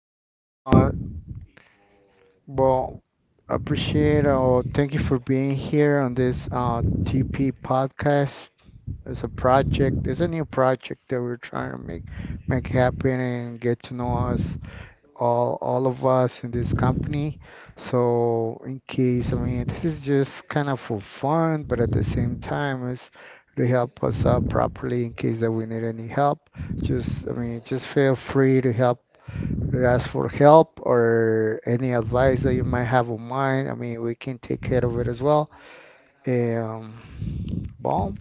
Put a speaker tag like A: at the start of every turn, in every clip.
A: Jackie, well, appreciate or thank you for being here on this TP podcast. It's a project, it's a new project that we're trying to make happen and get to know us all of us in this company. So in case, I mean, this is just kind of for fun, but at the same time, it's to help us out properly in case that we need any help. Just, I mean, just feel free to help you ask for help or any advice that you might have on mind. I mean, we can take care of it as well. Um, boom.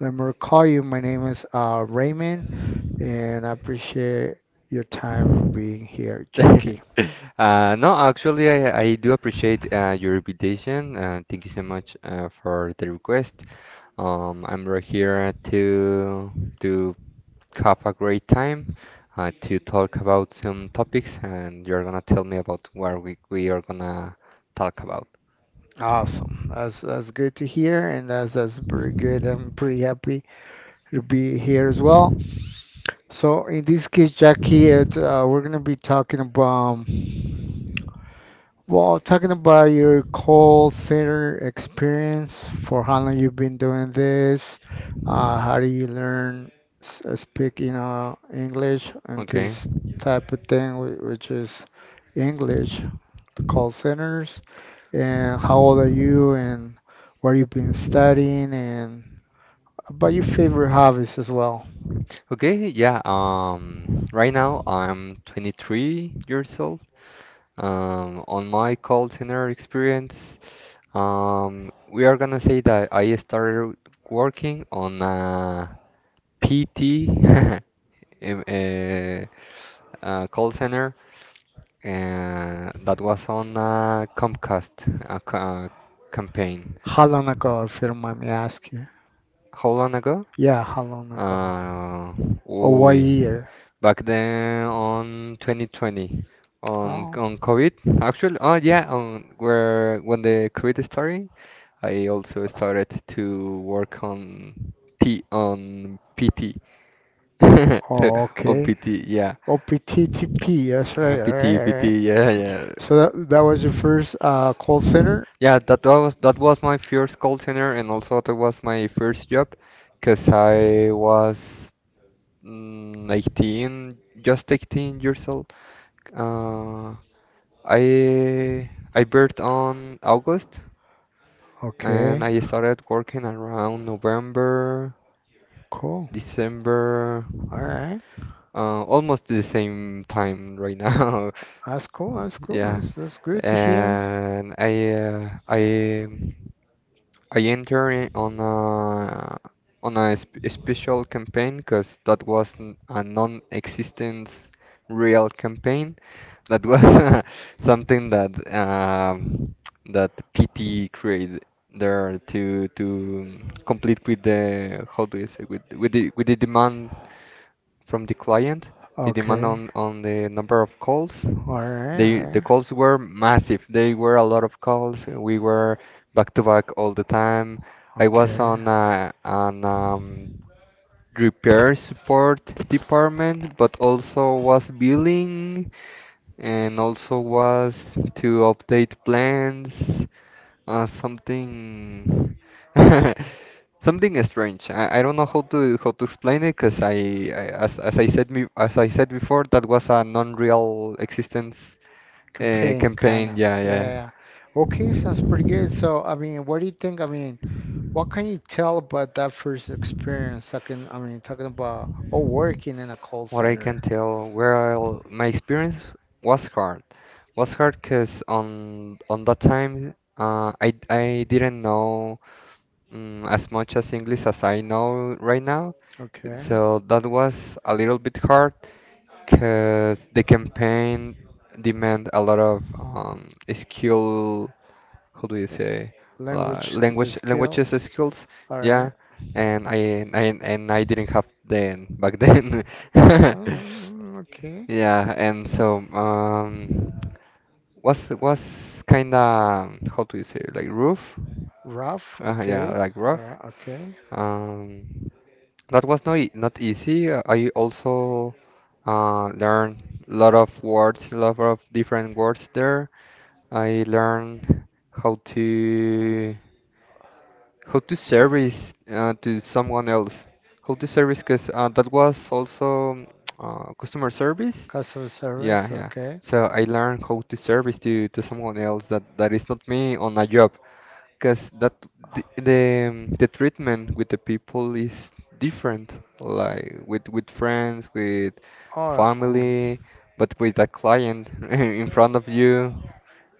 A: Let me call you. My name is Raymond, and I appreciate your time for being here, Jackie.
B: No, actually, I do appreciate your invitation. Thank you so much for the request. I'm right here to to have a great time, to talk about some topics, and you're gonna tell me about what we are gonna talk about.
A: Awesome. That's good to hear, and that's pretty good. I'm pretty happy to be here as well. So in this case, Jackie, we're gonna be talking about. Well, talking about your call center experience, for how long you've been doing this, how do you learn speak, you know, English and
B: Okay.
A: this type of thing, which is English, the call centers, and how old are you and where you've been studying and about your favorite hobbies as well.
B: Okay, yeah, right now I'm 23 years old. On my call center experience, we are gonna say that I started working on a PT in a, call center, and that was on a Comcast campaign.
A: How long ago, if you don't mind me asking?
B: How long ago?
A: Yeah, how long ago?
B: Uh,
A: Or what
B: ooh,
A: year?
B: back then on 2020, on
A: Oh,
B: COVID. Actually, oh yeah, on where when the COVID started, I also started to work on. T On PT
A: oh,
B: on
A: okay.
B: PT yeah.
A: OPTTP, that's right. All
B: PT,
A: right, right.
B: yeah, yeah,
A: So that was your first call center?
B: yeah, that was my first call center, and also that was my first job because I was 18, just 18 years old. Uh, I I birthed on August,
A: Okay.
B: and I started working around November,
A: Cool.
B: December.
A: All right.
B: Almost the same time right now.
A: That's cool.
B: Yeah.
A: That's good to hear.
B: And I I entered on a sp special campaign because that was a non-existent real campaign. That was something that PT created there to complete with the, how do you say, with the demand from the client, the demand
A: Okay.
B: on, the number of calls.
A: All right, all
B: The
A: right.
B: calls were massive. They were a lot of calls. We were back to back all the time. I was
A: Okay.
B: on an repair support department, but also was billing, and also was to update plans, something, something strange. I don't know how to explain it, because I as I said me as I said before, that was a non-real existence
A: Campaign, kind
B: campaign.
A: of.
B: Yeah,
A: Yeah,
B: yeah.
A: yeah. Okay, sounds pretty good. So, I mean, what do you think? I mean, what can you tell about that first experience? I mean, talking about working in a call
B: What I can
A: center.
B: tell, well, my experience was hard. Was hard because on that time, I didn't know as much as English as I know right now,
A: Okay.
B: so that was a little bit hard. Because the campaign demand a lot of skill, how do you say,
A: Language
B: language, languages
A: skills.
B: skills,
A: All right.
B: yeah. And I didn't have then back then.
A: Ah, okay.
B: Yeah. And so was kinda, how do you say, like roof.
A: Rough.
B: Yeah,
A: Okay.
B: like
A: All
B: rough.
A: right. Okay.
B: Um, that was not easy. I also learned a lot of words, a lot of different words there. I learned how to service to someone else, how to service, because that was also customer service.
A: Customer
B: Yeah,
A: service.
B: yeah.
A: Okay.
B: So I learned how to service to someone else, that is not me on a job. Because that the, the um, the treatment with the people is different, like with friends, with
A: Oh.
B: family, but with a client in front of you,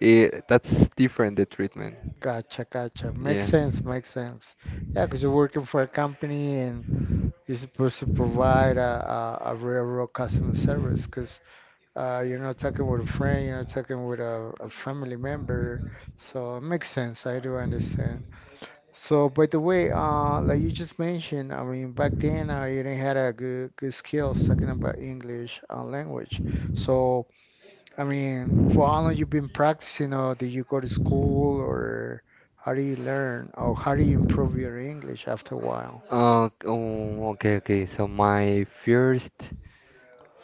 B: that's different, the treatment.
A: Gotcha. Makes
B: Yeah.
A: sense, makes sense. Yeah, because you're working for a company and you're supposed to provide a real, real customer service because you're not talking with a friend, you're not talking with a family member. So it makes sense. I do understand. So, by the way, like you just mentioned, I mean, back then you didn't had a good, good skills talking about English language. So, I mean, for how long you have been practicing, or did you go to school, or how do you learn, or how do you improve your English after a while?
B: Oh, okay, okay. So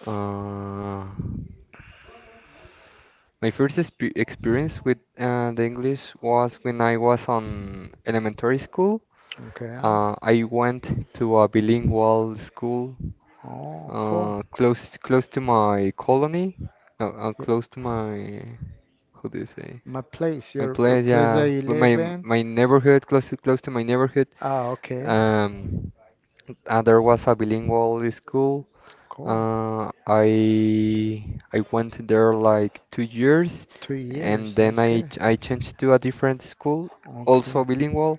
B: uh, my first experience with the English was when I was on elementary school.
A: Okay.
B: I went to a bilingual school,
A: Oh, cool.
B: close to my colony, no,
A: Ye-
B: close to my, how do you say?
A: My place,
B: My
A: your
B: place,
A: place that
B: yeah,
A: you
B: but
A: live
B: my
A: in?
B: my neighborhood, close to my neighborhood,
A: Ah, okay.
B: um, there was a bilingual school.
A: Cool.
B: I went there like 2 years,
A: Two
B: and
A: years,
B: then
A: that's good.
B: I changed to a different school,
A: Okay.
B: also bilingual.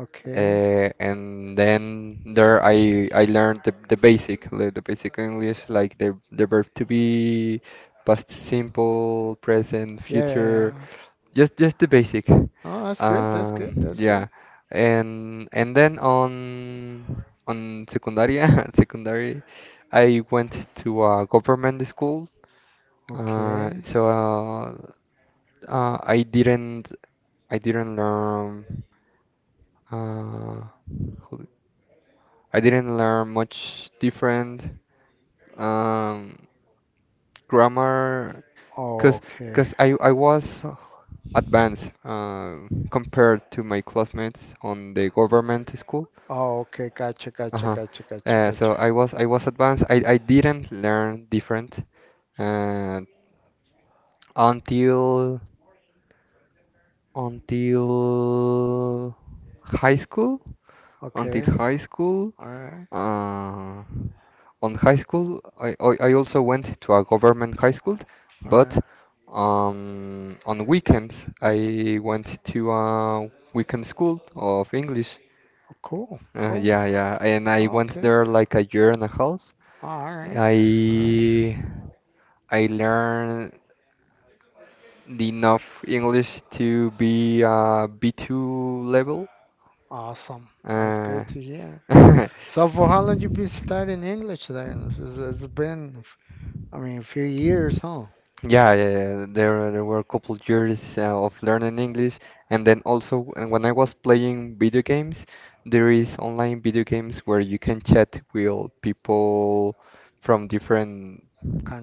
A: Okay.
B: And then there I learned the basic, like the basic English, like the verb to be, past simple, present,
A: Yeah, yeah,
B: future,
A: yeah.
B: just the basic.
A: No, that's good. That's good.
B: Yeah. And then on secundaria, secondary, I went to a government school.
A: Okay.
B: So, uh, I didn't I didn't learn uh, how I didn't learn much different um, grammar, because
A: Okay.
B: because I was advanced, compared to my classmates on the government school.
A: Oh, okay. Gotcha, gotcha,
B: Uh-huh.
A: gotcha, gotcha,
B: Uh,
A: gotcha.
B: so I was advanced. I didn't learn different uh, until until high school.
A: Okay.
B: Until high school.
A: All right.
B: Uh, on high school, I also went to a government high school,
A: All
B: but
A: right.
B: on weekends I went to a weekend school of English.
A: Oh, cool. Cool.
B: Yeah, yeah, and I went
A: Okay.
B: there like a year and a half.
A: All right. All right.
B: I I learned enough English to be B2 level.
A: Awesome. That's
B: Uh,
A: good to hear. So for how long you been studying English then? It's been I mean, a few years, huh?
B: Yeah, yeah, yeah. There were a couple years of learning English, and then also and when I was playing video games, there is online video games where you can chat with people from different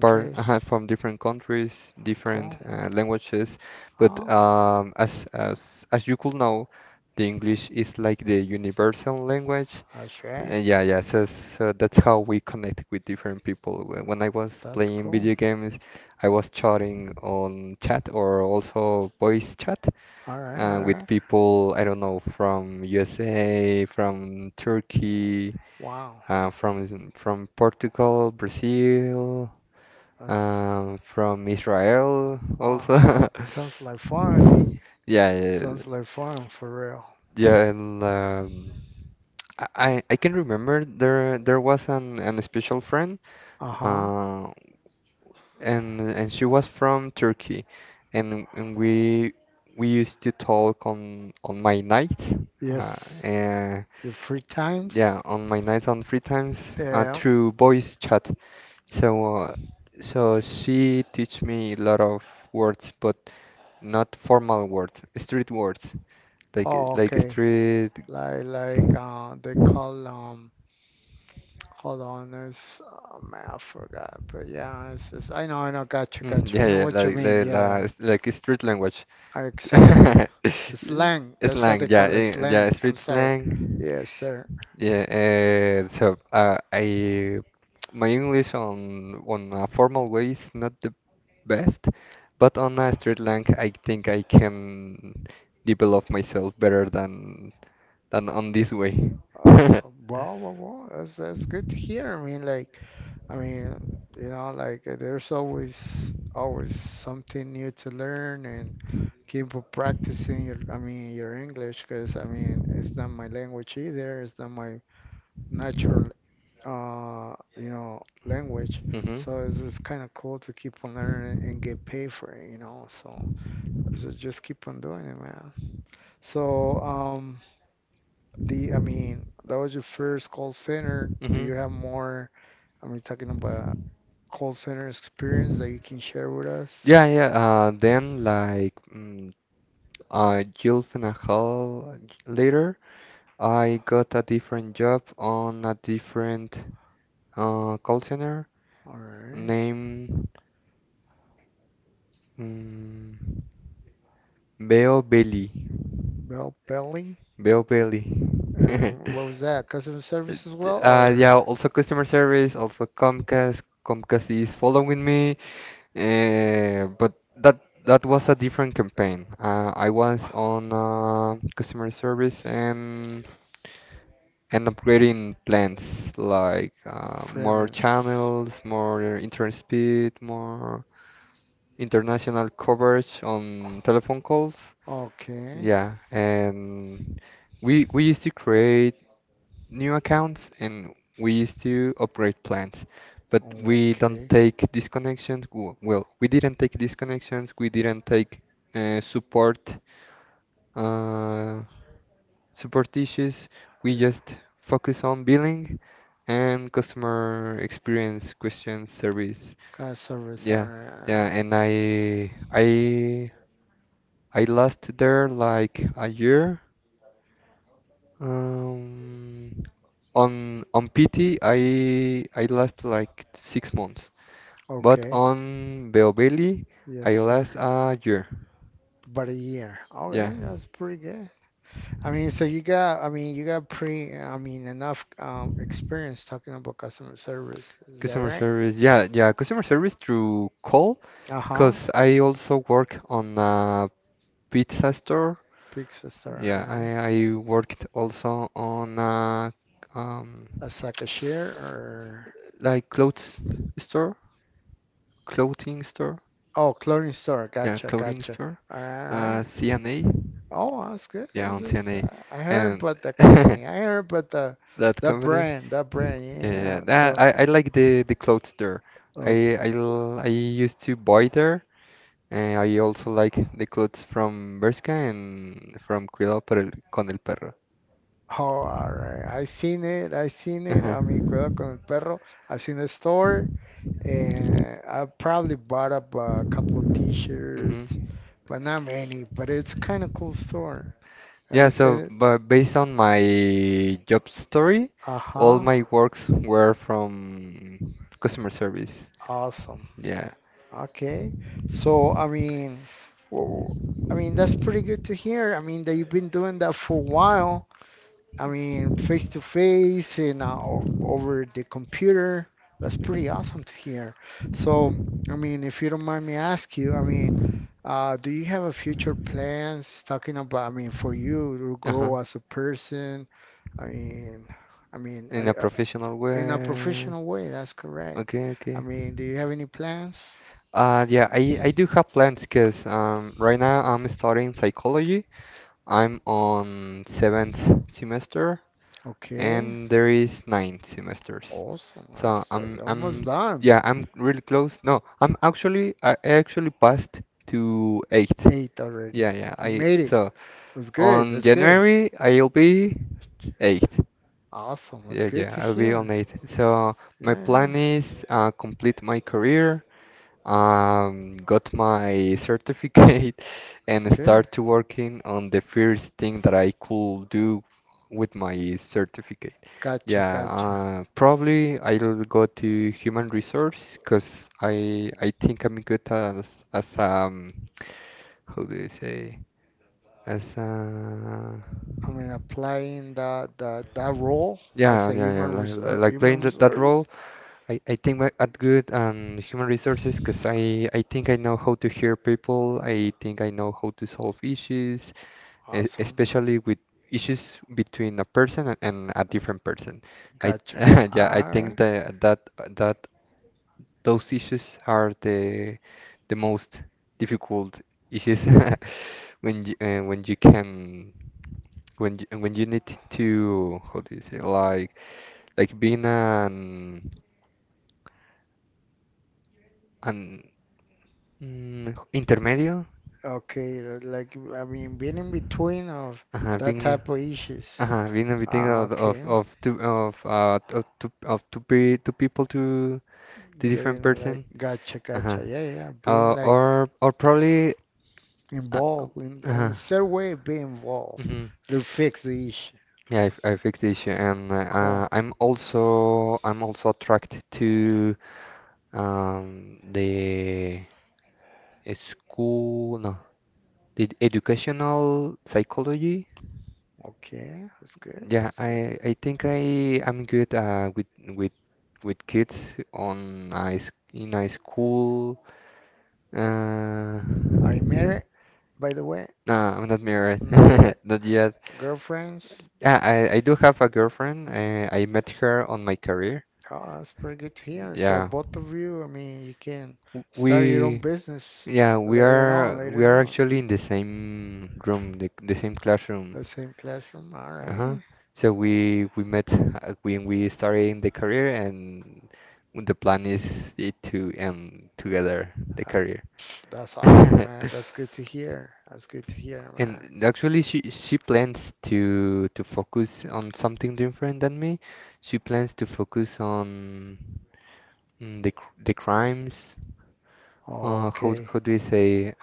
B: part, from different countries, different
A: cool.
B: languages. But
A: Oh,
B: as you could know, the English is like the universal language.
A: that's right.
B: Yeah, yeah. So that's how we connect with different people. When I was
A: That's
B: playing
A: cool.
B: video games, I was chatting on chat or also voice chat,
A: All right, all
B: with
A: right.
B: people, I don't know, from USA, from Turkey,
A: Wow,
B: from Portugal, Brazil,
A: that's
B: from Israel
A: wow.
B: also.
A: It sounds like fun, eh?
B: Yeah, yeah,
A: Sounds like fun for real.
B: yeah, and I can remember there was an special friend,
A: Uh-huh.
B: uh, and she was from Turkey, and we used to talk on my nights, uh,
A: Yes.
B: and
A: Your free times?
B: yeah, on my nights on free times,
A: Yeah.
B: through voice chat. So uh, so she teach me a lot of words, but not formal words, street words, like
A: Oh, okay.
B: street.
A: Like they call hold on it's man I forgot but yeah it's I know gotcha gotcha I
B: Yeah,
A: know
B: yeah,
A: what you mean
B: it's like a street language.
A: Exactly slang that's how they
B: Slang, yeah,
A: call it
B: yeah,
A: slang I'm
B: street
A: sorry
B: slang.
A: yes sir
B: Yeah, I my English on a formal way is not the best, but on a street slang, I think I can develop myself better than on this way.
A: awesome wow that's good to hear I mean like I mean you know like there's always something new to learn and keep on practicing your I mean your English because I mean it's not my language either it's not my natural you know language so it's kind of cool to keep on learning and get paid for it you know so so just keep on doing it man so the I mean that was your first call center do you have more I mean talking about call center experience that you can share with us
B: Yeah, yeah. Then, like, Jill Finahal later. I got a different job on a different call center
A: all right
B: named um, Bell Belly.
A: Bell Belly
B: Bell Belly.
A: what was that customer service as well or
B: Yeah, also customer service, also Comcast. Comcast is following me. But that was a different campaign. I was on customer service and upgrading plans, like more
A: Freelance.
B: channels, more internet speed, more international coverage on telephone calls.
A: Okay.
B: Yeah, and we used to create new accounts, and we used to upgrade plans, but we don't
A: Okay.
B: take disconnections. Well, we didn't take disconnections. We didn't take support. Uh, Superstitious. We
A: Yeah.
B: just focus on billing and customer experience question service.
A: Kind of service
B: Yeah, yeah,
A: are.
B: and I lost there like a year. Um, on PT I last like 6 months, but
A: Okay.
B: on Beobelli
A: Yes,
B: I
A: sir.
B: last a year.
A: But a year.
B: Yeah.
A: Okay, that's pretty good. I mean, so you got, I mean, you got pre, I mean, enough experience talking about customer service. Is that
B: Customer
A: right?
B: service, yeah, yeah, customer service through call,
A: Uh-huh.
B: because I also work on a pizza store.
A: Pizza Star,
B: Yeah,
A: alright.
B: I worked also on a um,
A: As a cashier or
B: like clothes store, clothing store,
A: oh, clothing store.
B: yeah,
A: Gotcha,
B: clothing
A: gotcha.
B: store,
A: Alright.
B: CNA,
A: Oh, that's good.
B: yeah, on CNA,
A: I heard
B: and
A: about the
B: A, and
A: company. I heard about the
B: That company?
A: brand.
B: Yeah,
A: Yeah,
B: yeah.
A: yeah. So,
B: I like the clothes there.
A: okay.
B: I used to buy there, and I also like the clothes from Bershka and from Cuidado por el, con el perro.
A: Oh, alright. I seen it.
B: Ajá.
A: I mean, cuidado con el perro. I seen the store, and I probably bought up a couple of
B: Hmm.
A: t-shirts, but not many. But it's kind of cool store. And
B: Yeah,
A: it's
B: so
A: and
B: but based on my job story, all
A: uh-huh.
B: my works were from customer service.
A: Awesome.
B: Yeah.
A: Okay. So, I mean, w- I mean that's pretty good to hear. I mean that you've been doing that for a while. I mean, face to face and over the computer. That's pretty awesome to hear. So, I mean, if you don't mind me ask you, I mean, do you have a future plans talking about, I mean, for you to
B: Uh-huh.
A: grow as a person I mean,
B: In a
A: are-
B: professional
A: in a
B: way.
A: professional way, that's correct.
B: Okay,
A: I
B: okay.
A: mean, do you have any plans?
B: Yeah, I do have plans because right now I'm studying psychology. I'm on seventh semester,
A: Okay,
B: and there is nine semesters.
A: awesome.
B: So
A: That's
B: I'm
A: almost
B: I'm
A: done.
B: yeah, I'm really close. No, I actually passed to eighth.
A: Eight already.
B: Yeah, yeah.
A: You
B: I
A: made it.
B: so
A: That's good.
B: on
A: That's good.
B: January I'll be eighth.
A: Awesome. That's
B: Yeah,
A: good
B: yeah.
A: to
B: I'll be on
A: hear.
B: eighth. So
A: Yeah,
B: my
A: yeah.
B: plan is complete my career, got my certificate
A: That's
B: and
A: good.
B: start to working on the first thing that I could do with my certificate.
A: Gotcha,
B: Yeah,
A: gotcha.
B: probably I'll go to human resource, because I think I'm good as as um how do you say, as
A: I mean, applying that that role Yeah, as
B: yeah,
A: a
B: yeah, yeah,
A: human res
B: like,
A: human
B: playing that role.
A: resource.
B: I think I at good and human resources, because I think I know how to hear people. I think I know how to solve issues,
A: Awesome.
B: especially with issues between a person and a different person. I
A: Gotcha.
B: yeah, I
A: All
B: think that those issues are the most difficult issues. When you can when you, need to, how do you say, like being an intermedio?
A: right. Okay. Like I mean, being in between of
B: Ajá,
A: that
B: being
A: type of issues.
B: being between
A: Ah, okay.
B: of two pe two people, to two different
A: Getting like
B: person.
A: gotcha,
B: Uh-huh.
A: gotcha. Yeah. Being like
B: Or probably, uh,
A: involved in a
B: uh-huh.
A: certain way, be involved
B: Hmm.
A: mhm, to fix the issue.
B: Yeah, I fixed the issue, and
A: Cool.
B: I'm also attracted to the school, no, the educational psychology.
A: Okay, that's good.
B: Yeah,
A: That's
B: I think I am good with with with kids on in a school. Uh,
A: Are you married, by the way?
B: no, I'm not married,
A: Not yet.
B: not yet.
A: Girlfriends?
B: Yeah, I do have a girlfriend. I met her on my career.
A: Oh, that's pretty good to hear. So
B: Yeah,
A: both of you, I mean, you can
B: W- we
A: start your own business
B: yeah we are we
A: later
B: are
A: on.
B: actually in the same room, the same classroom.
A: The same classroom. All
B: Uh-huh.
A: right.
B: So we met when we started in the career, and the plan is it to end together the
A: Uh,
B: career.
A: That's awesome, man. That's good to hear. That's good to hear, man.
B: And actually, she plans to focus on something different than me. She plans to focus on the crimes. Uh, how
A: Okay.
B: how do you say?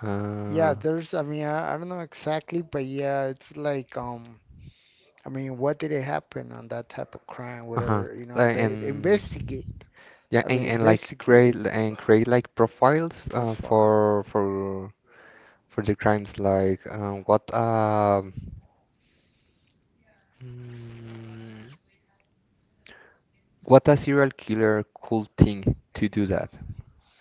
A: Yeah, there's, I mean, I don't know exactly, but yeah, it's like, I mean, what did it happen on that type of crime,
B: Uh-huh.
A: whatever, you know,
B: Like
A: they
B: and.
A: investigate.
B: Yeah,
A: I
B: and,
A: mean,
B: and like
A: investigate
B: create
A: it.
B: and create like profiles
A: Profile.
B: for the crimes like mm, what a serial killer could think to do that.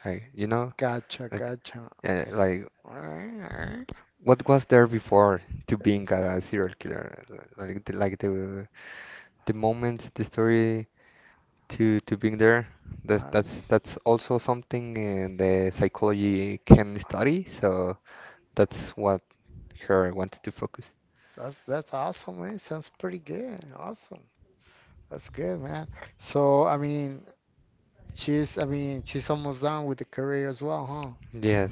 B: Like you know,
A: Gotcha,
B: like
A: gotcha.
B: like
A: All right,
B: what was there before to being a serial killer? Like the the moment the story to being there.
A: all
B: That's
A: right.
B: that's that's also something the psychology can study. So. That's what her wanted to focus.
A: That's awesome, man. Sounds pretty good. Awesome. That's good, man. So, I mean, she's almost done with the career as well, huh?
B: Yes.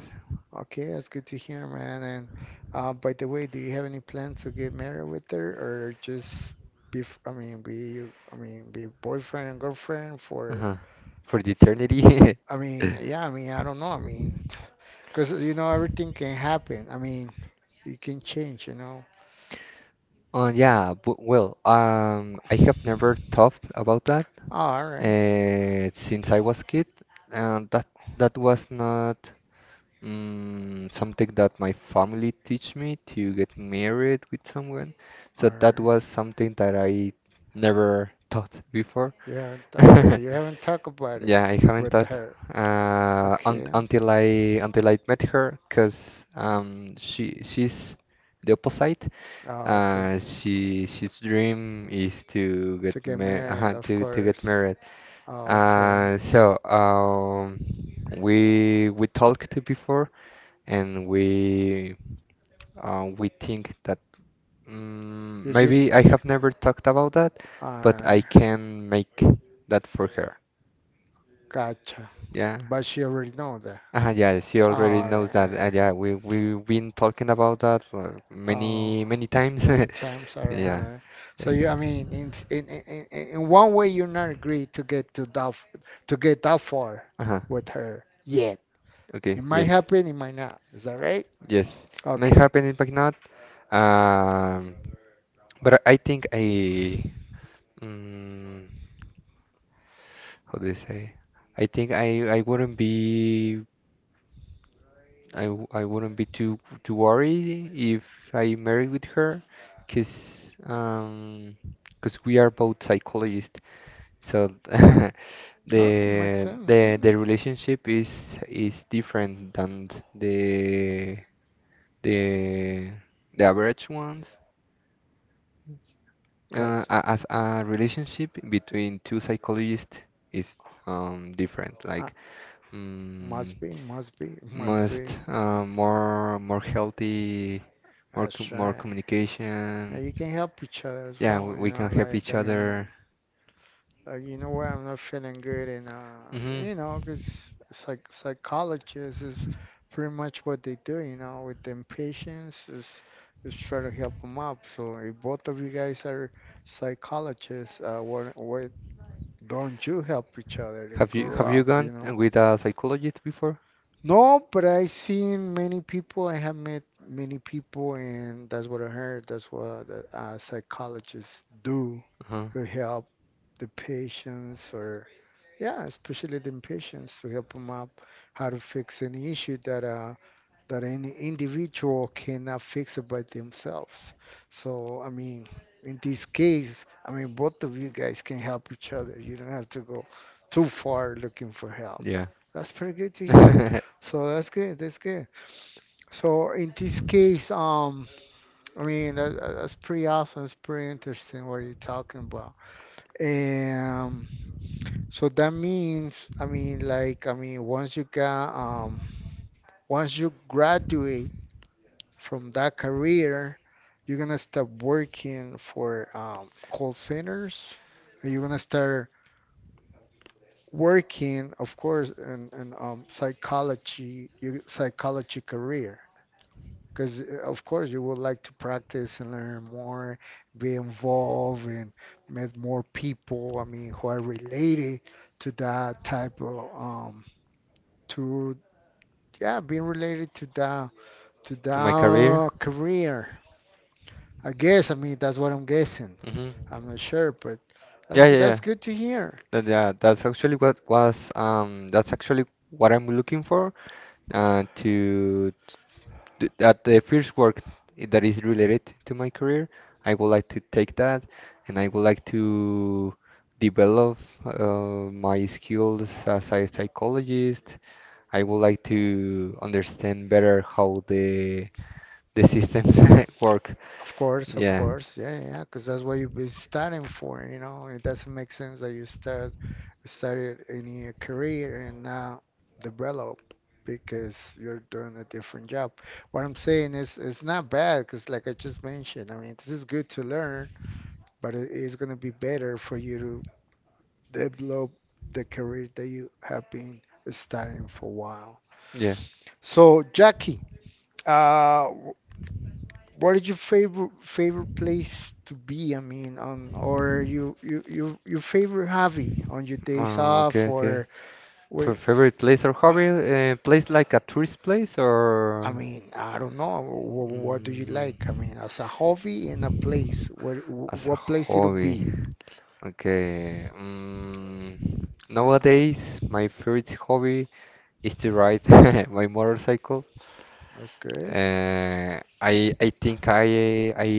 A: Okay, that's good to hear, man. And by the way, do you have any plans to get married with her, or just be, f- I mean, be, I mean, be boyfriend and girlfriend for,
B: Uh-huh. For the eternity.
A: I mean, yeah, I mean, I don't know, I mean, because you know, everything can happen. I mean, it can change, you know.
B: Yeah, well, I have never thought about that
A: Oh, all right,
B: since I was kid, and that was not. Something that my family teach me to get married with someone.
A: all
B: So
A: right.
B: that was something that I never thought before.
A: Yeah, okay. You haven't talked about it
B: Yeah, I haven't
A: with
B: thought
A: her.
B: un
A: Okay.
B: until I met her, cause she's the opposite.
A: Oh, okay.
B: She's
A: dream
B: dream is to
A: To get
B: get ma
A: Of
B: uh,
A: yeah, to get
B: to to get
A: course.
B: married.
A: Married. Oh, okay.
B: Uh,
A: So
B: so
A: um,
B: um we talked before and we think that
A: You mm, did.
B: maybe
A: Actually I
B: I
A: have
B: have never
A: never
B: talked about that,
A: I I
B: but
A: Alright.
B: I can
A: can
B: make that for her.
A: Gotcha.
B: Yeah.
A: But she already know that. Yeah
B: Yeah,
A: she
B: she already
A: already
B: knows
A: Alright, knows that
B: that.
A: alright. yeah
B: Yeah,
A: we
B: we've
A: we've been
B: been
A: talking
B: talking about
A: about that
B: that
A: for Oh,
B: many many times.
A: many times. Many times. Alright,
B: Yeah.
A: alright. So you,
B: Yeah.
A: I mean, in s- in one way, you're not agree to get to that to get that far
B: Uh-huh.
A: with her yet. Okay,
B: Okay,
A: It might
B: yes.
A: happen. It might not. Is that right? it
B: Yes.
A: may
B: May
A: Okay. happen.
B: happen, it might not. Um, but I think I. Mm, how they say? I think I wouldn't be I wouldn't be too worried if I married with her, cause um 'cause we are both psychologists, so
A: Oh, makes
B: the
A: sense.
B: the
A: Mm,
B: the relationship is different than the the the average ones.
A: Gotcha.
B: As a relationship between two psychologists is different,
A: Uh,
B: like. Mm,
A: must be, must
B: Must
A: be.
B: more healthy, more co-
A: That's
B: more
A: right.
B: communication.
A: And you can help each other as
B: Yeah,
A: well,
B: we,
A: you
B: we can
A: know,
B: help
A: like,
B: each
A: I
B: other.
A: mean, Like, you know what? I'm not feeling good, and
B: Hmm.
A: you know, 'cause psychologists is pretty much what they do. You know, with them patients is try to help them up. So if both of you guys are psychologists, why why don't you help each other to
B: Have you
A: grow
B: have you
A: up?
B: gone
A: You know.
B: with a psychologist before?
A: No, but I seen many people. I have met many people, and that's what I heard. That's what the psychologists do
B: Uh-huh.
A: to help the patients or yeah, especially the impatience to help them up how to fix any issue that that any individual cannot fix it by themselves. So I mean, in this case, I mean both of you guys can help each other. You don't have to go too far looking for help.
B: Yeah.
A: That's pretty good to hear. So that's good. So in this case, I mean that's pretty awesome. It's pretty interesting what you're talking about. And so that means, I mean, like, I mean, once you got, once you graduate from that career, you're gonna start working for call centers. And you're gonna start working, of course, in psychology, your psychology career. Because of course you would like to practice and learn more, be involved and meet more people. I mean, who are related to that type of to… Yeah, being related to the career, I guess. I mean, that's what I'm guessing.
B: Hmm.
A: I'm not sure, but
B: Yeah,
A: that's good to
B: was good.
A: hear.
B: That, yeah, that's actually what I'm looking for uh to at the first work that is related to my career. I would like to take that, and I would like to develop uh, my skills as a psychologist. I would like to understand better how the systems work.
A: Of course, of
B: Yeah.
A: course. Yeah, yeah. Because that's what you've been studying for. You know, it doesn't make sense that you started any career and now develop because you're doing a different job. What I'm saying is it's not bad because, like I just mentioned, I mean, this is good to learn, but it is going to be better for you to develop the career that you have been studying for a while.
B: Yeah.
A: So, Jackie, uh, wh- what is your favorite place to be? I mean, on or your favorite hobby on your days off
B: Okay, okay.
A: or
B: Or
A: wh-?
B: favorite place or hobby? Place like a tourist place
A: I
B: or
A: mean, I don't know. What do you like? I mean, as a hobby in
B: like
A: a place, where
B: as a
A: what place it'll
B: hobby
A: be?
B: like? Okay. Nowadays, my favorite hobby is to ride my motorcycle.
A: That's good.
B: Uh, I I think I I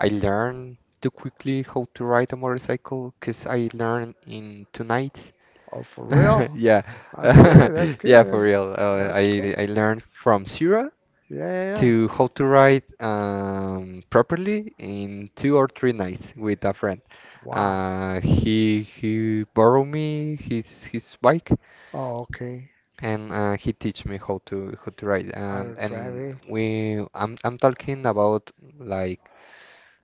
B: I learned too quickly how to ride a motorcycle because I learned in 2 nights.
A: Oh, for real?
B: Yeah.
A: That's good. That's
B: Yeah,
A: good.
B: for real. Uh,
A: That's cool.
B: I I learned from zero
A: Yeah, yeah,
B: to
A: yeah.
B: how to write properly in 2 or 3 nights with a friend.
A: Wow.
B: He borrowed me his bike,
A: Oh, okay.
B: and he teach me how to ride,
A: How to drive
B: and
A: it?
B: we I'm talking about like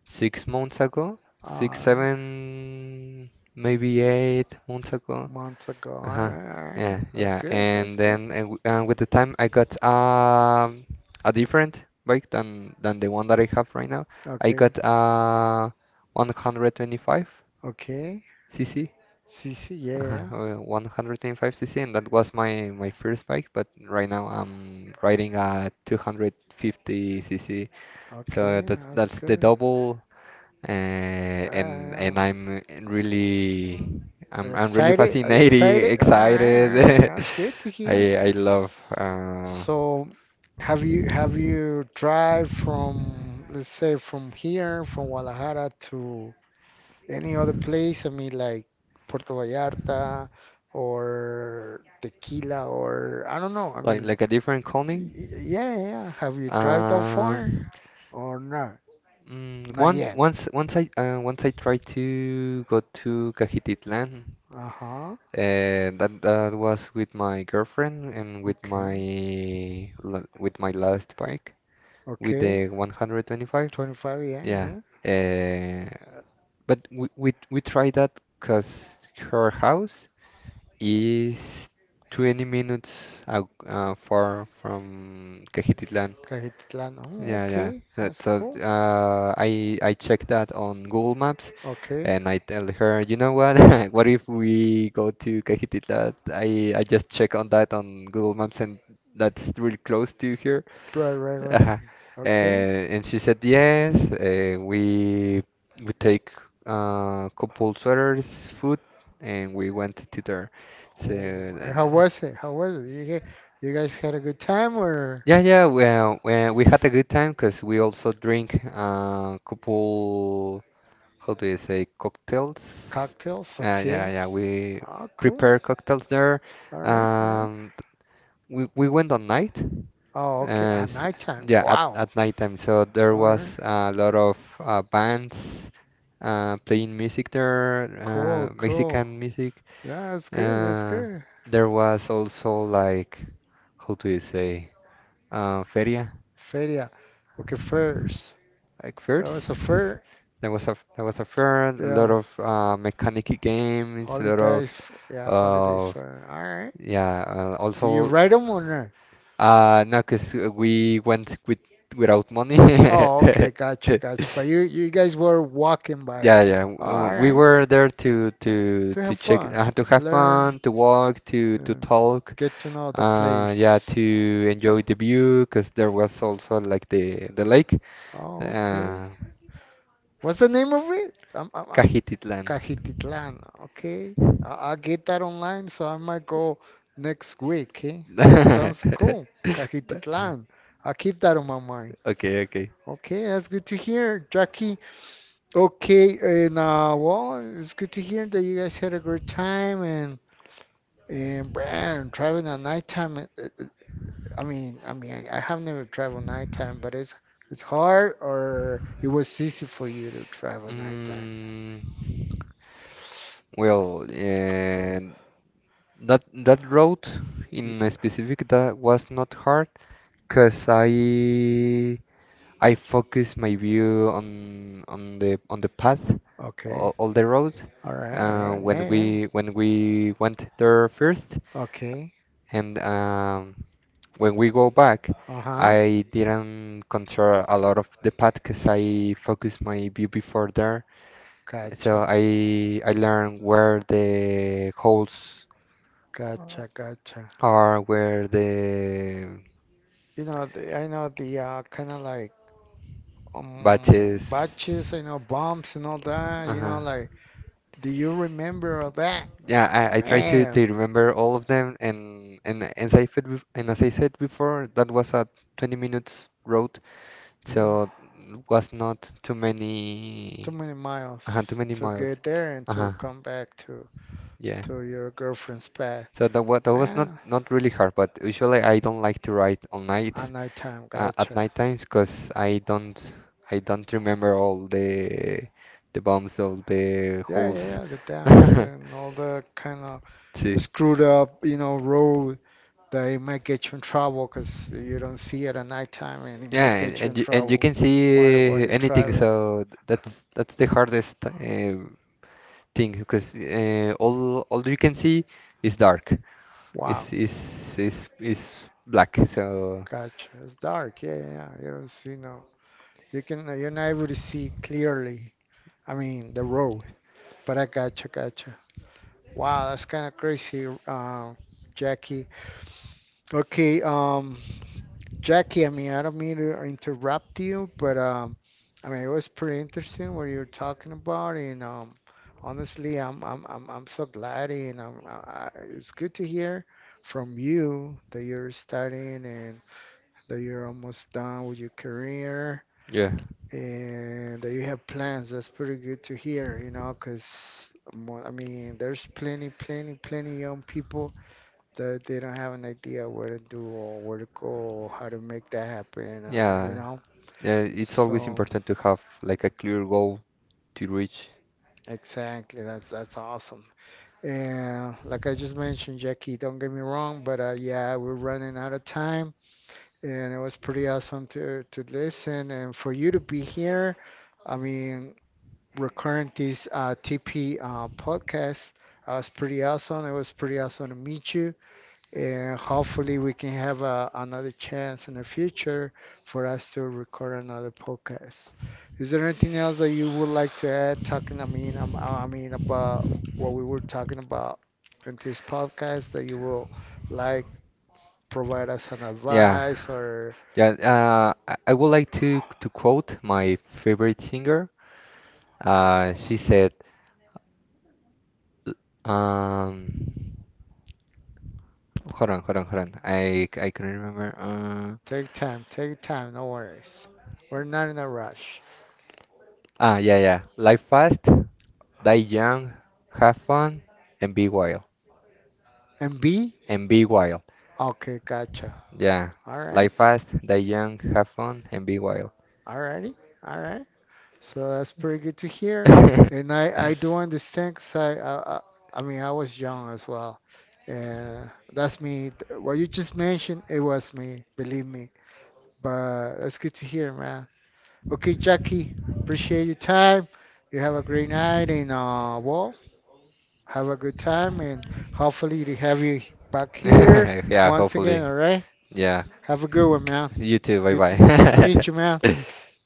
B: 6 months ago,
A: Six? All
B: six,
A: right.
B: 7, maybe 8 months ago.
A: Right. Months ago. Months ago. All
B: Uh-huh.
A: right, all
B: Yeah,
A: right. That's
B: yeah.
A: good. That's
B: And
A: good.
B: then with the time, I got a different bike than the one that I have right now.
A: I got.
B: I
A: Okay.
B: got 125
A: Okay.
B: cc.
A: See, see. Yeah,
B: Uh-huh.
A: yeah.
B: 125 cc, and that was my first bike. But right now I'm riding a 250 cc,
A: So
B: so
A: okay.
B: that's
A: That's
B: that's the
A: good. And
B: double,
A: yeah,
B: and
A: and yeah.
B: I'm really
A: Are you
B: I'm really
A: excited? Are you
B: fascinated
A: excited? All right, all right.
B: excited.
A: That's good to
B: I
A: hear.
B: I love
A: So, have you drive from, let's say, from here from Guadalajara to any other place? I mean, like Puerto Vallarta or Tequila or I don't know. I
B: like
A: mean,
B: a different calling.
A: y- yeah, yeah, yeah. Have you drive that far
B: Um,
A: or not?
B: mm,
A: Not
B: one
A: yet.
B: once once I Once I tried to go to Cajititlan.
A: Uh-huh.
B: That was with my girlfriend and with
A: Okay.
B: with my last bike with
A: Okay,
B: the 125.
A: 25, yeah,
B: Yeah.
A: yeah.
B: Uh, but we tried that because her house is 20 minutes out, far from Cajititlan.
A: Cajititlán. Oh,
B: Yeah, yeah.
A: okay,
B: That,
A: that's
B: so
A: cool.
B: I checked that on Google Maps,
A: Okay,
B: and I tell her, you know what? What if we go to Cajititla? I just check on that on Google Maps, and that's really close to here.
A: right, right, right.
B: Uh-huh.
A: Okay.
B: And she said yes. We take couple sweaters, food, and we went to there. So
A: Oh, and
B: and,
A: how was it? How was it? You get, you guys had a good time or…
B: yeah, yeah. Well, we had a good time because we also drink couple how do you say cocktails?
A: cocktails?
B: Yeah,
A: Okay.
B: yeah, we
A: Oh, cool.
B: prepare cocktails there.
A: All right, all right.
B: Um, we went on night.
A: Oh, okay.
B: Uh,
A: At
B: s-
A: nighttime. Yeah.
B: yeah, at
A: Wow. All
B: at
A: right.
B: nighttime. So there was a lot of bands playing music there,
A: Cool, cool.
B: Mexican music.
A: Yeah, that's good. That's
B: Uh,
A: good.
B: there was also like how do you say feria?
A: Feria. Okay, fairs.
B: Like
A: That was
B: first,
A: a fair.
B: there was a fair, a lot
A: Yeah.
B: of mechanic games, a lot of
A: Holidays. Yeah, holidays.
B: uh,
A: So fair. All right.
B: yeah,
A: Do you
B: also
A: ride to them or not?
B: no, cause we went without money.
A: Oh, okay. Gotcha, gotcha. But you guys were walking by. Yeah, yeah.
B: Yeah, yeah.
A: Oh, all
B: We
A: right,
B: were there to to
A: to
B: to
A: have
B: check,
A: fun,
B: to have
A: learn,
B: fun, to walk, to
A: um,
B: talk,
A: get to know the yeah, place.
B: yeah, to enjoy the view, because there was also like the lake,
A: Oh, okay.
B: uh,
A: What's the name of it? I'm…
B: Cajititlan.
A: Cajititlan. Okay. I, I'll get that online, so I might go next week. Eh?
B: But-
A: Sounds cool. Cajititlan. I'll keep that on my mind.
B: okay, okay.
A: Okay, that's good to hear, Jackie. Okay, and well, it's good to hear that you guys had a great time. And man, traveling at nighttime, I mean, I mean, I have never traveled nighttime, but it's hard, or it was easy for you to travel nighttime?
B: Mm, well, that road
A: Y-
B: in specific, that was not hard because I focus my view on the path
A: Okay.
B: all the road,
A: All right. All right.
B: when
A: Yeah. Yeah,
B: we when we
A: yeah.
B: went there first,
A: Okay.
B: and when we go back,
A: Uh huh.
B: I didn't control a lot of the path because I focused my view before there. So
A: Gotcha.
B: I learned where the holes
A: Gotcha. Gotcha.
B: are, where the
A: You know, the, I know the kind of like
B: batches.
A: um, batches. I know bumps and all that. You
B: Uh-huh.
A: know, like do you remember all that?
B: Yeah, I try to
A: Man.
B: remember all of them, and as I said before, that was a 20 minutes road,
A: Yeah.
B: so was not
A: Too many miles
B: too many
A: to
B: miles.
A: get there and to
B: Uh-huh.
A: come back
B: Yeah.
A: to your girlfriend's pad.
B: So that was not,
A: Man.
B: not really hard, but usually I don't like to write all night,
A: At nighttime,
B: at
A: gotcha.
B: night times, because I don't remember all the bumps of the
A: Yeah, yeah,
B: holes.
A: yeah, the dams and all the kind of
B: Sí.
A: screwed up, you know, road that it might get you in trouble because you don't see it at nighttime, and it
B: Yeah,
A: might
B: and,
A: get you in
B: and you
A: trouble
B: can
A: while
B: see
A: you're
B: anything,
A: driving.
B: so that's the hardest. Thing because all you can see is dark. Is
A: Wow,
B: is is black. So
A: gotcha. It's dark. Yeah, yeah, yeah. You don't see no. You can… you're not able to see clearly. I mean, the road. But I gotcha, gotcha. Wow, that's kind of crazy, Jackie. Okay, Jackie, I mean, I don't mean to interrupt you, but I mean, it was pretty interesting what you were talking about, and honestly, I'm so glad, and it's good to hear from you that you're studying and that you're almost done with your career
B: yeah,
A: and that you have plans. That's pretty good to hear, you know, because I mean, there's plenty young people that they don't have an idea what to do or where to go or how to make that happen, or you
B: yeah,
A: know.
B: yeah. It's always
A: So
B: important to have like a clear goal to reach.
A: exactly, that's awesome. And like I just mentioned, Jackie, don't get me wrong, but yeah, we're running out of time, and it was pretty awesome to listen and for you to be here. I mean, recurring this TP podcast. Was pretty awesome. It was pretty awesome to meet you, and hopefully we can have a, another chance in the future for us to record another podcast. Is there anything else that you would like to add talking, I mean about what we were talking about in this podcast that you will like, provide us an
B: Yeah,
A: advice or…
B: yeah. I would like to quote my favorite singer. She said, um, hold on, hold on, hold on. I can remember.
A: take time, no worries. We're not in a rush.
B: Yeah, yeah. Live fast, die young, have fun, and be wild.
A: And B?
B: And be wild.
A: Okay, gotcha.
B: Yeah.
A: All right.
B: Live fast, die young, have fun, and be wild.
A: All righty. All right. So that's pretty good to hear. And I do understand because I mean, I was young as well. And that's me. What you just mentioned, it was me, believe me. But that's good to hear, man. Okay, Jackie, appreciate your time. You have a great night and well, have a good time, and hopefully to have you back here
B: Yeah,
A: once
B: hopefully.
A: again, all right?
B: Yeah.
A: Have a good one, man.
B: You too. Bye
A: Good to, good to meet you, man.
B: bye.